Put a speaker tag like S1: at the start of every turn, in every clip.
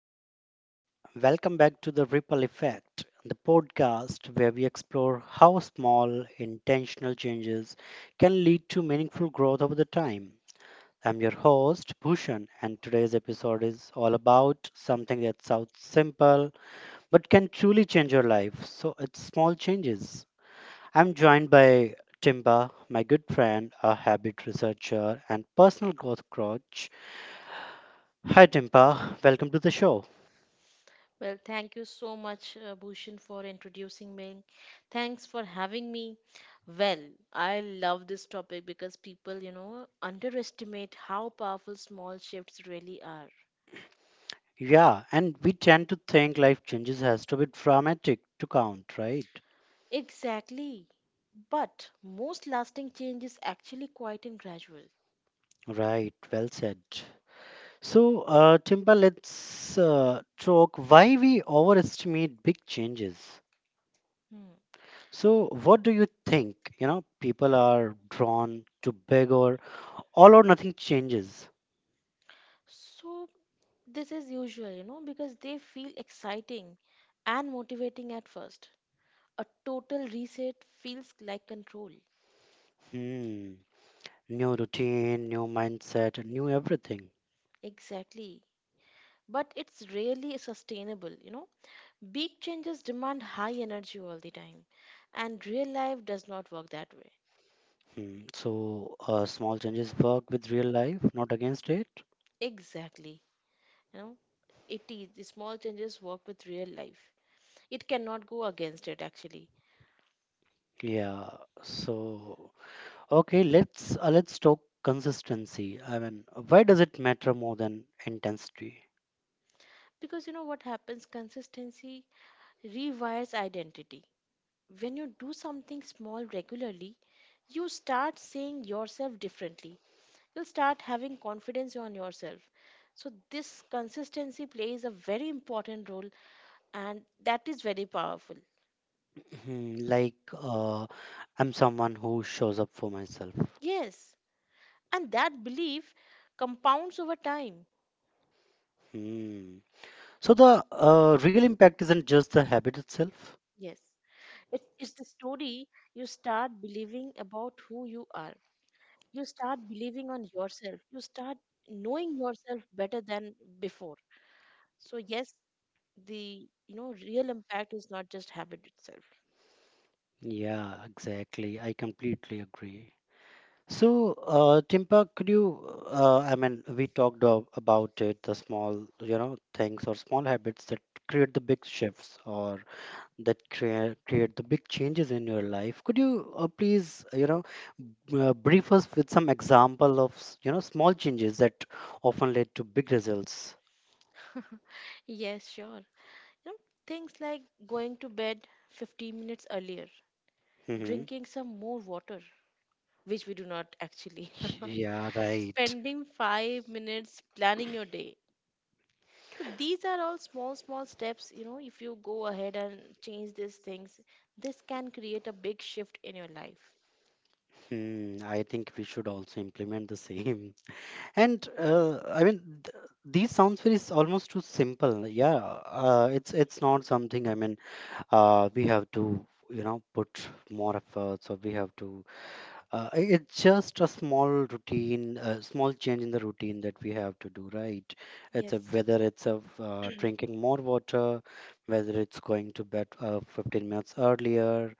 S1: everyone. Welcome back to the Ripple Effect, the podcast where we explore how small, intentional changes can lead to meaningful growth over the time. I'm your host, Bhushan, and today's episode is all about something that sounds simple but can truly change your life. So it's small changes. I'm joined by Timba, my good friend, a habit researcher, and personal growth coach. Hi, Timba. Welcome to the show.
S2: Well, thank you so much, Bhushan, for introducing me. Thanks for having me. Well, I love this topic because people, you know, underestimate how powerful small shifts really are.
S1: Yeah, and we tend to think life changes has to be dramatic to count, right?
S2: Exactly. But most lasting change is actually quite and gradual.
S1: Right, well said. So, Timber, let's talk why we overestimate big changes.
S2: Hmm.
S1: So, what do you think? You know, people are drawn to big or all or nothing changes.
S2: So this is usual, you know, because they feel exciting and motivating at first. A total reset feels like control.
S1: Hmm. New routine, new mindset, new everything.
S2: Exactly. But it's rarely sustainable, you know, big changes demand high energy all the time, and real life does not work that way.
S1: Hmm. So, small changes work with real life, not against it.
S2: Exactly, you know, it is the small changes work with real life, it cannot go against it actually.
S1: Yeah. So, okay, let's talk consistency. I mean, why does it matter more than intensity?
S2: Because, you know what happens, consistency rewires identity. When you do something small regularly, you start seeing yourself differently, you'll start having confidence on yourself. So this consistency plays a very important role, and that is very powerful.
S1: Hmm, like, uh, I'm someone who shows up for myself.
S2: Yes, and that belief compounds over time.
S1: Hmm. So the real impact isn't just the habit itself.
S2: Yes, it's the story you start believing about who you are. You start believing on yourself, you start knowing yourself better than before. So yes, the, you know, real impact is not just habit itself.
S1: Yeah, exactly. I completely agree. So, Timpa, could you? I mean, we talked about it, the small, you know, things or small habits that create the big shifts, or that create the big changes in your life. Could you please, brief us with some example of, small changes that often lead to big results?
S2: Yes, sure, you know, things like going to bed 15 minutes earlier,
S1: Hmm.
S2: drinking some more water, which we do not actually,
S1: Yeah, right.
S2: spending 5 minutes planning your day. So these are all small, small steps. You know, if you go ahead and change these things, this can create a big shift in your life.
S1: Hmm, I think we should also implement the same. And I mean, these sounds very almost too simple. Yeah, it's not something. I mean, we have to put more efforts, or we have to. It's just a small routine, a small change in the routine that we have to do, right?
S2: Yes.
S1: Whether it's a, drinking more water, whether it's going to bed 15 minutes earlier,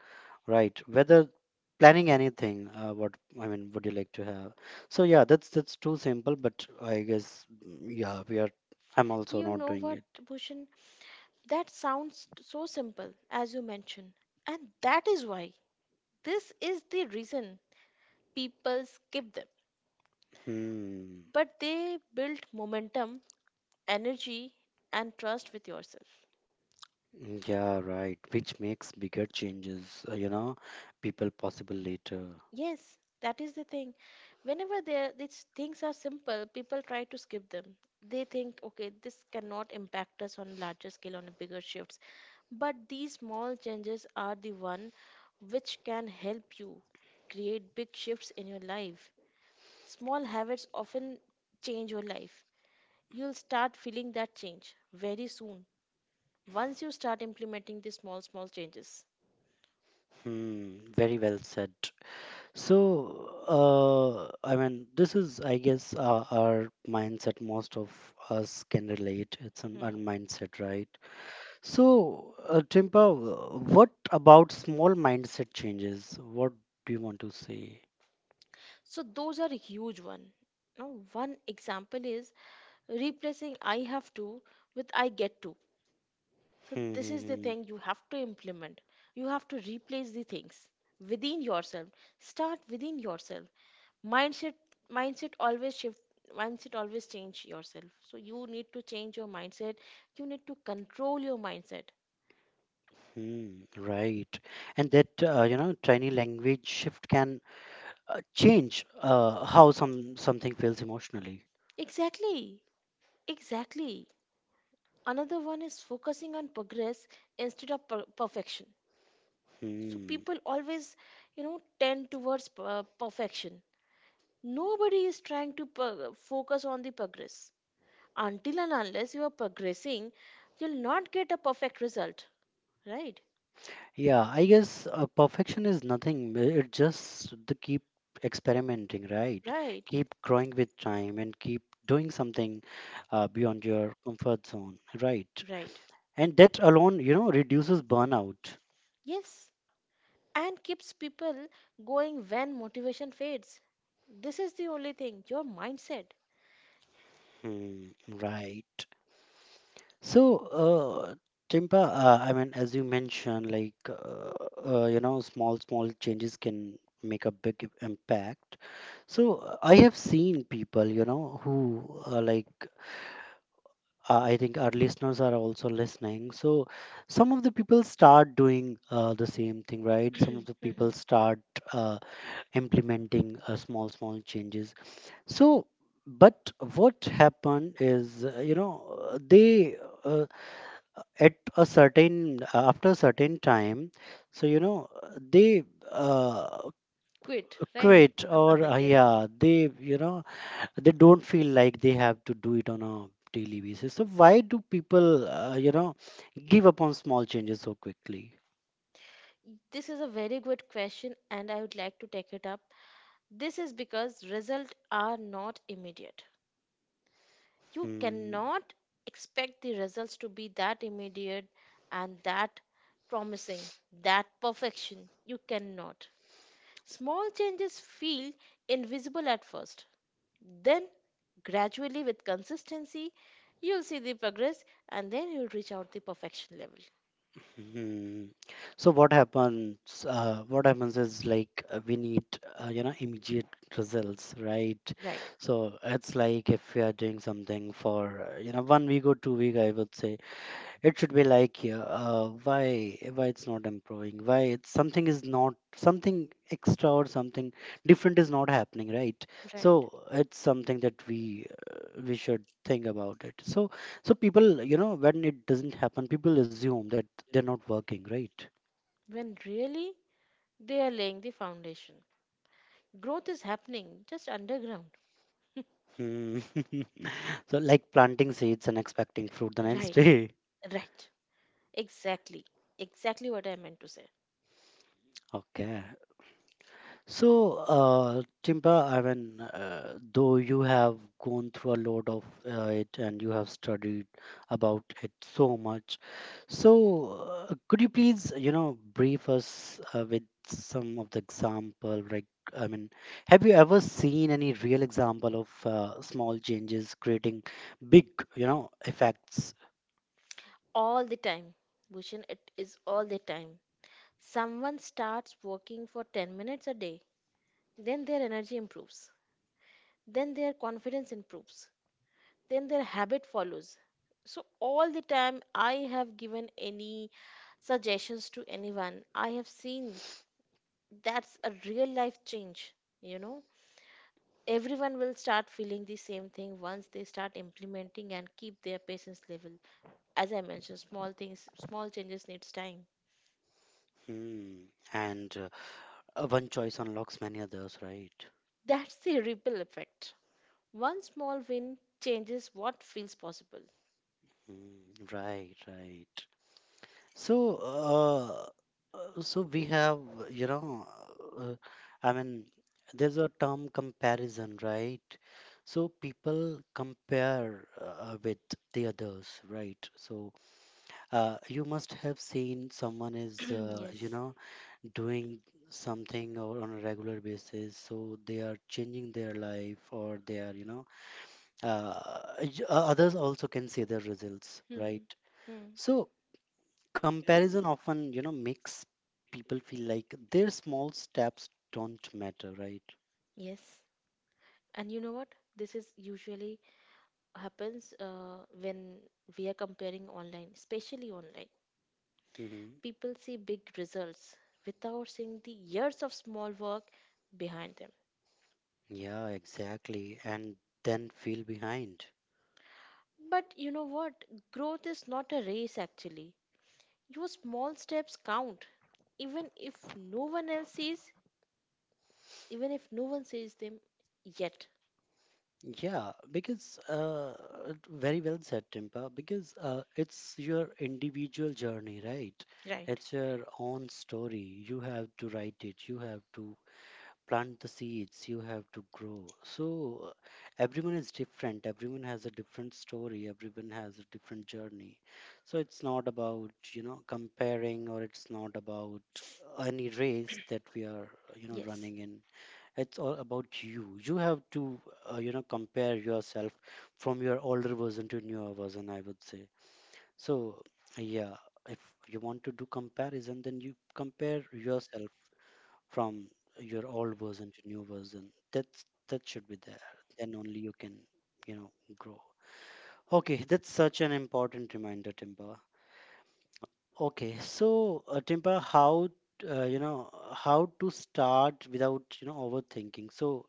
S1: right? Whether planning anything, what I mean, would you like to have? So yeah, that's too simple, but I guess, mm, yeah, we are. I'm also
S2: You
S1: not
S2: know
S1: doing
S2: what,
S1: it.
S2: Bhushan? That sounds so simple, as you mentioned. And that is why this is the reason people skip them.
S1: Hmm.
S2: But they build momentum, energy, and trust with yourself.
S1: Yeah, right. Which makes bigger changes, people possible later.
S2: Yes, that is the thing. Whenever there these things are simple, people try to skip them. They think, okay, this cannot impact us on larger scale on a bigger shifts. But these small changes are the one which can help you create big shifts in your life. Small habits often change your life. You'll start feeling that change very soon once you start implementing these small small changes.
S1: Hmm, very well said. So, I mean, this is, I guess, our mindset. Most of us can relate. It's our
S2: Hmm.
S1: mindset, right? So, Timpa, what about small mindset changes? What do you want to say?
S2: So those are a huge one. Now, one example is replacing I have to with I get to. So
S1: Hmm,
S2: this
S1: hmm,
S2: is the
S1: hmm.
S2: thing you have to implement. You have to replace the things within yourself. Start within yourself. Mindset mindset always shift, mindset always change yourself. So you need to change your mindset. You need to control your mindset.
S1: Hmm, right. And that tiny language shift can change how something feels emotionally.
S2: Exactly. Exactly. Another one is focusing on progress instead of perfection. So
S1: Hmm.
S2: people always, you know, tend towards perfection. Nobody is trying to focus on the progress. Until and unless you are progressing, you'll not get a perfect result, right?
S1: Yeah, I guess perfection is nothing. It just the keep experimenting, right?
S2: Right,
S1: Keep growing with time and keep doing something beyond your comfort zone, right?
S2: right.
S1: And that alone, reduces burnout.
S2: Yes, and keeps people going when motivation fades. This is the only thing, your mindset.
S1: Hmm, right. So, uh, Timpa, I mean, as you mentioned, like, small changes can make a big impact. So, I have seen people, who like I think our listeners are also listening. So, some of the people start doing the same thing, right? Some of the people start uh, implementing small changes. So, but what happened is, they, uh, at a certain after a certain time, so, they, uh,
S2: Quit, right?
S1: quit or,
S2: Right. Yes.
S1: yeah, they you know they don't feel like they have to do it on a daily basis. So why do people give up on small changes so quickly?
S2: This is a very good question, and I would like to take it up. This is because results are not immediate. You
S1: Hmm.
S2: cannot expect the results to be that immediate and that promising, that perfection. You cannot. Small changes feel invisible at first. Then, gradually, with consistency, you'll see the progress, and then you'll reach out the perfection level.
S1: Hmm. So what happens? What happens is like we need immediate results, right?
S2: Right,
S1: So it's like if we are doing something for one week or 2 week, I would say it should be like, yeah, why it's not improving? Why it's something is not something extra or something different is not happening, right?
S2: right.
S1: So it's something that we should think about it. So people, when it doesn't happen, people assume that they're not working, right?
S2: When really they are laying the foundation. Growth is happening just underground.
S1: Hmm. So like planting seeds and expecting fruit the next
S2: Right,
S1: day.
S2: right. Exactly. Exactly what I meant to say.
S1: Okay. So, Timba, I mean, though you have gone through a lot of it and you have studied about it so much, so could you please, brief us with some of the example? Like, I mean, have you ever seen any real example of small changes creating big, effects?
S2: All the time. Bhushan, it is all the time. Someone starts working for 10 minutes a day, then their energy improves, then their confidence improves, then their habit follows. So, all the time I have given any suggestions to anyone, I have seen that's a real life change, you know. Everyone will start feeling the same thing once they start implementing and keep their patience level. As I mentioned, small things, small changes needs time.
S1: Hmm. And one choice unlocks many others, right?
S2: That's the ripple effect. One small win changes what feels possible.
S1: Hmm. Right, right. So, so we have, you know, uh, I mean, there's a term comparison, right? So people compare with the others, right? So you must have seen someone is,
S2: Yes.
S1: doing something or on a regular basis. So they are changing their life, or they are, uh, others also can see their results,
S2: Hmm.
S1: right?
S2: Hmm.
S1: So comparison often makes people feel like their small steps don't matter, right?
S2: Yes. And you know what? This is usually happens when we are comparing online, especially online.
S1: Hmm.
S2: People see big results without seeing the years of small work behind them.
S1: Yeah, exactly. And then feel behind.
S2: But you know what? Growth is not a race actually. Your small steps count, even if no one else sees, even if no one sees them yet.
S1: Yeah, because very well said, Timpa. Because it's your individual journey, right?
S2: Right?
S1: It's your own story. You have to write it. You have to plant the seeds. You have to grow. So, uh, everyone is different. Everyone has a different story. Everyone has a different journey. So it's not about comparing, or it's not about any race that we are
S2: Yes.
S1: running in. It's all about you. You have to compare yourself from your older version to newer version, I would say. So yeah, if you want to do comparison, then you compare yourself from your old version to new version. That's that should be there. Then only you can you know grow. Okay, that's such an important reminder, Timber. Okay, so Timber, how to start without overthinking? So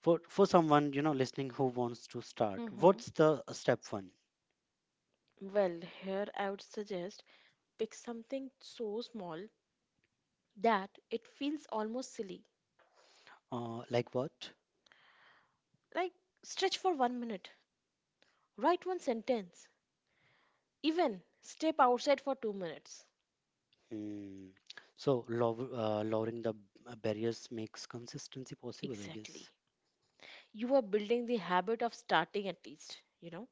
S1: for someone listening who wants to start,
S2: Mhm.
S1: what's the step one?
S2: Well, here I would suggest pick something so small that it feels almost silly.
S1: Like what?
S2: Like stretch for 1 minute, write one sentence, even step outside for 2 minutes.
S1: Hmm. So lowering the barriers makes consistency possible, I
S2: Exactly.
S1: guess.
S2: You are building the habit of starting at least, you know.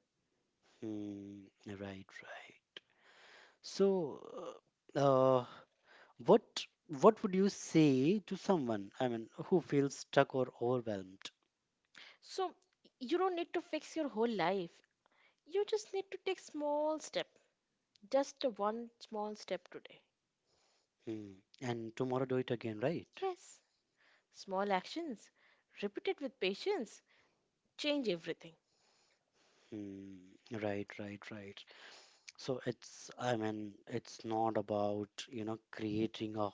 S1: Hmm, right, right. So, uh, uh, what what would you say to someone, I mean, who feels stuck or overwhelmed?
S2: So you don't need to fix your whole life. You just need to take small step, just one small step today.
S1: Hmm. And tomorrow do it again, right?
S2: Yes, small actions, repeated with patience, change everything.
S1: Hmm. Right, right, right. So it's, I mean, it's not about, creating a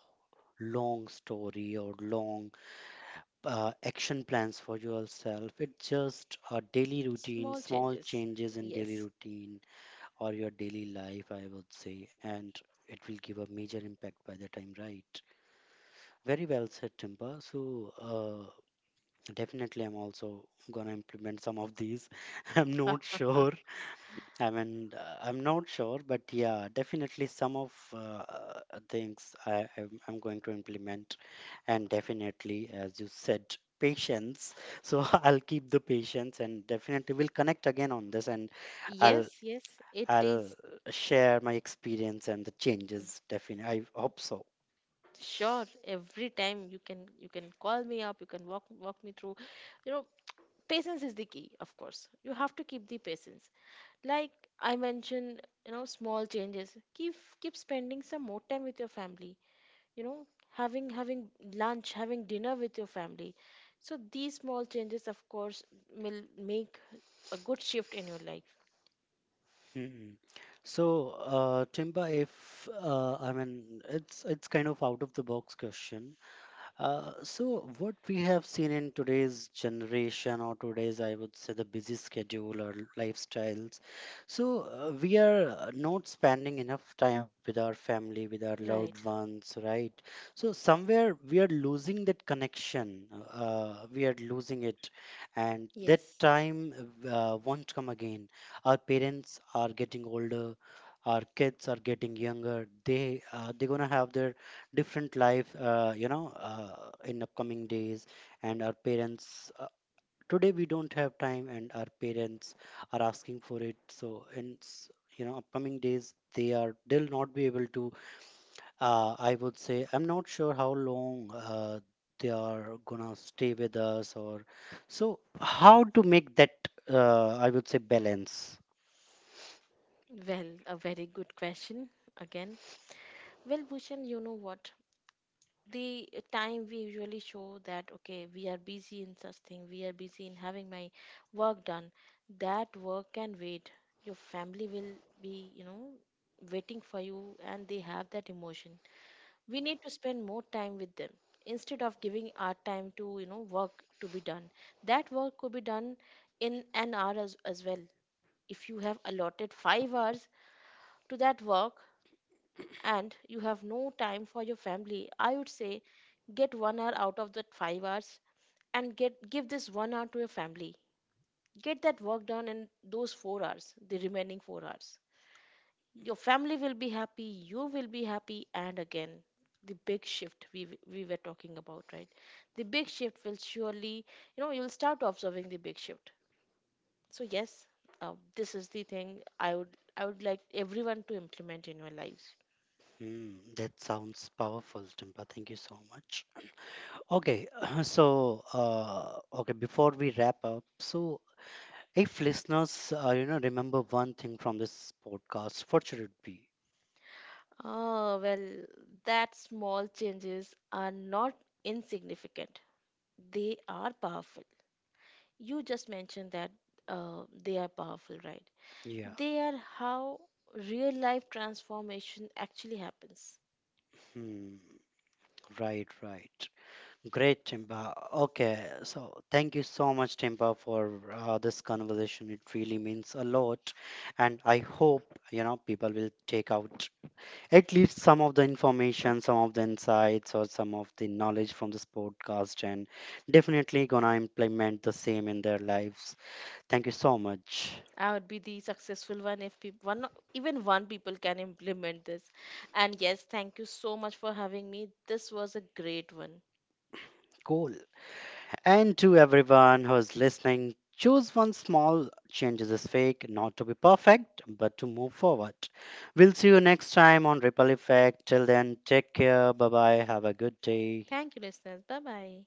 S1: long story or long action plans for yourself. It's just a daily routine,
S2: Small
S1: small
S2: changes.
S1: changes in daily
S2: Yes.
S1: routine or your daily life, I would say, and it will give a major impact by the time, right? Very well said, Timba. So, definitely, I'm also gonna implement some of these. I'm not sure, I mean, I'm not sure, but yeah, definitely some of uh, things I'm going to implement, and definitely, as you said, patience. So I'll keep the patience, and definitely we'll connect again on this, and I'll
S2: Yes, yes, it
S1: I'll
S2: is.
S1: share my experience and the changes. Definitely, I hope so.
S2: Sure, every time you can call me up, you can walk me through. You know, patience is the key, of course. You have to keep the patience. Like I mentioned, you know, small changes, keep keep spending some more time with your family, you know, having lunch, having dinner with your family. So these small changes of course will make a good shift in your life.
S1: Mm. So, Timba, if I mean, it's kind of out of the box question. So, what we have seen in today's generation, or today's, I would say, the busy schedule or lifestyles, so we are not spending enough time with our family, with our loved
S2: Right.
S1: ones, right? So, somewhere we are losing that connection, we are losing it, and that
S2: Yes,
S1: time won't come again. Our parents are getting older. Our kids are getting younger. They're gonna have their different life in upcoming days, and our parents, today we don't have time and our parents are asking for it, so in upcoming days they'll not be able to. I would say, I'm not sure how long they are gonna stay with us, or so how to make that I would say balance.
S2: well, a very good question again. Well, Bhushan, you know what, the time we usually show that okay we are busy in such thing, we are busy in having my work done, that work can wait. Your family will be, you know, waiting for you, and they have that emotion. We need to spend more time with them instead of giving our time to, you know, work to be done. That work could be done in an hour as well. If you have allotted 5 hours to that work and you have no time for your family, I would say get 1 hour out of that 5 hours, and get give this 1 hour to your family. Get that work done in those 4 hours, the remaining 4 hours, your family will be happy, you will be happy, and again, the big shift we were talking about, right, the big shift will surely, you know, you'll start observing the big shift. So yes, this is the thing I would, I would like everyone to implement in your lives.
S1: Hmm, that sounds powerful, Timpa. Thank you so much. Okay, so okay, before we wrap up, so if listeners, remember one thing from this podcast, what should it be?
S2: Oh, well, that small changes are not insignificant. They are powerful. You just mentioned that they are powerful, right?
S1: Yeah.
S2: They are how real life transformation actually happens.
S1: Hmm. Right, right. Great, Timba. Okay, so thank you so much, Timba, for this conversation. It really means a lot, and I hope people will take out at least some of the
S2: Huh.
S1: information, some of the insights, or some of the knowledge from this podcast, and definitely gonna implement the same in their lives. Thank you so much.
S2: I would be the successful one if people, even one people can implement this. And yes, thank you so much for having me. This was a great one.
S1: Cool. And to everyone who's listening, choose one small change is fake, not to be perfect, but to move forward. We'll see you next time on Ripple Effect. Till then, take care. Bye bye. Have a good day.
S2: Thank you, listeners. Bye bye.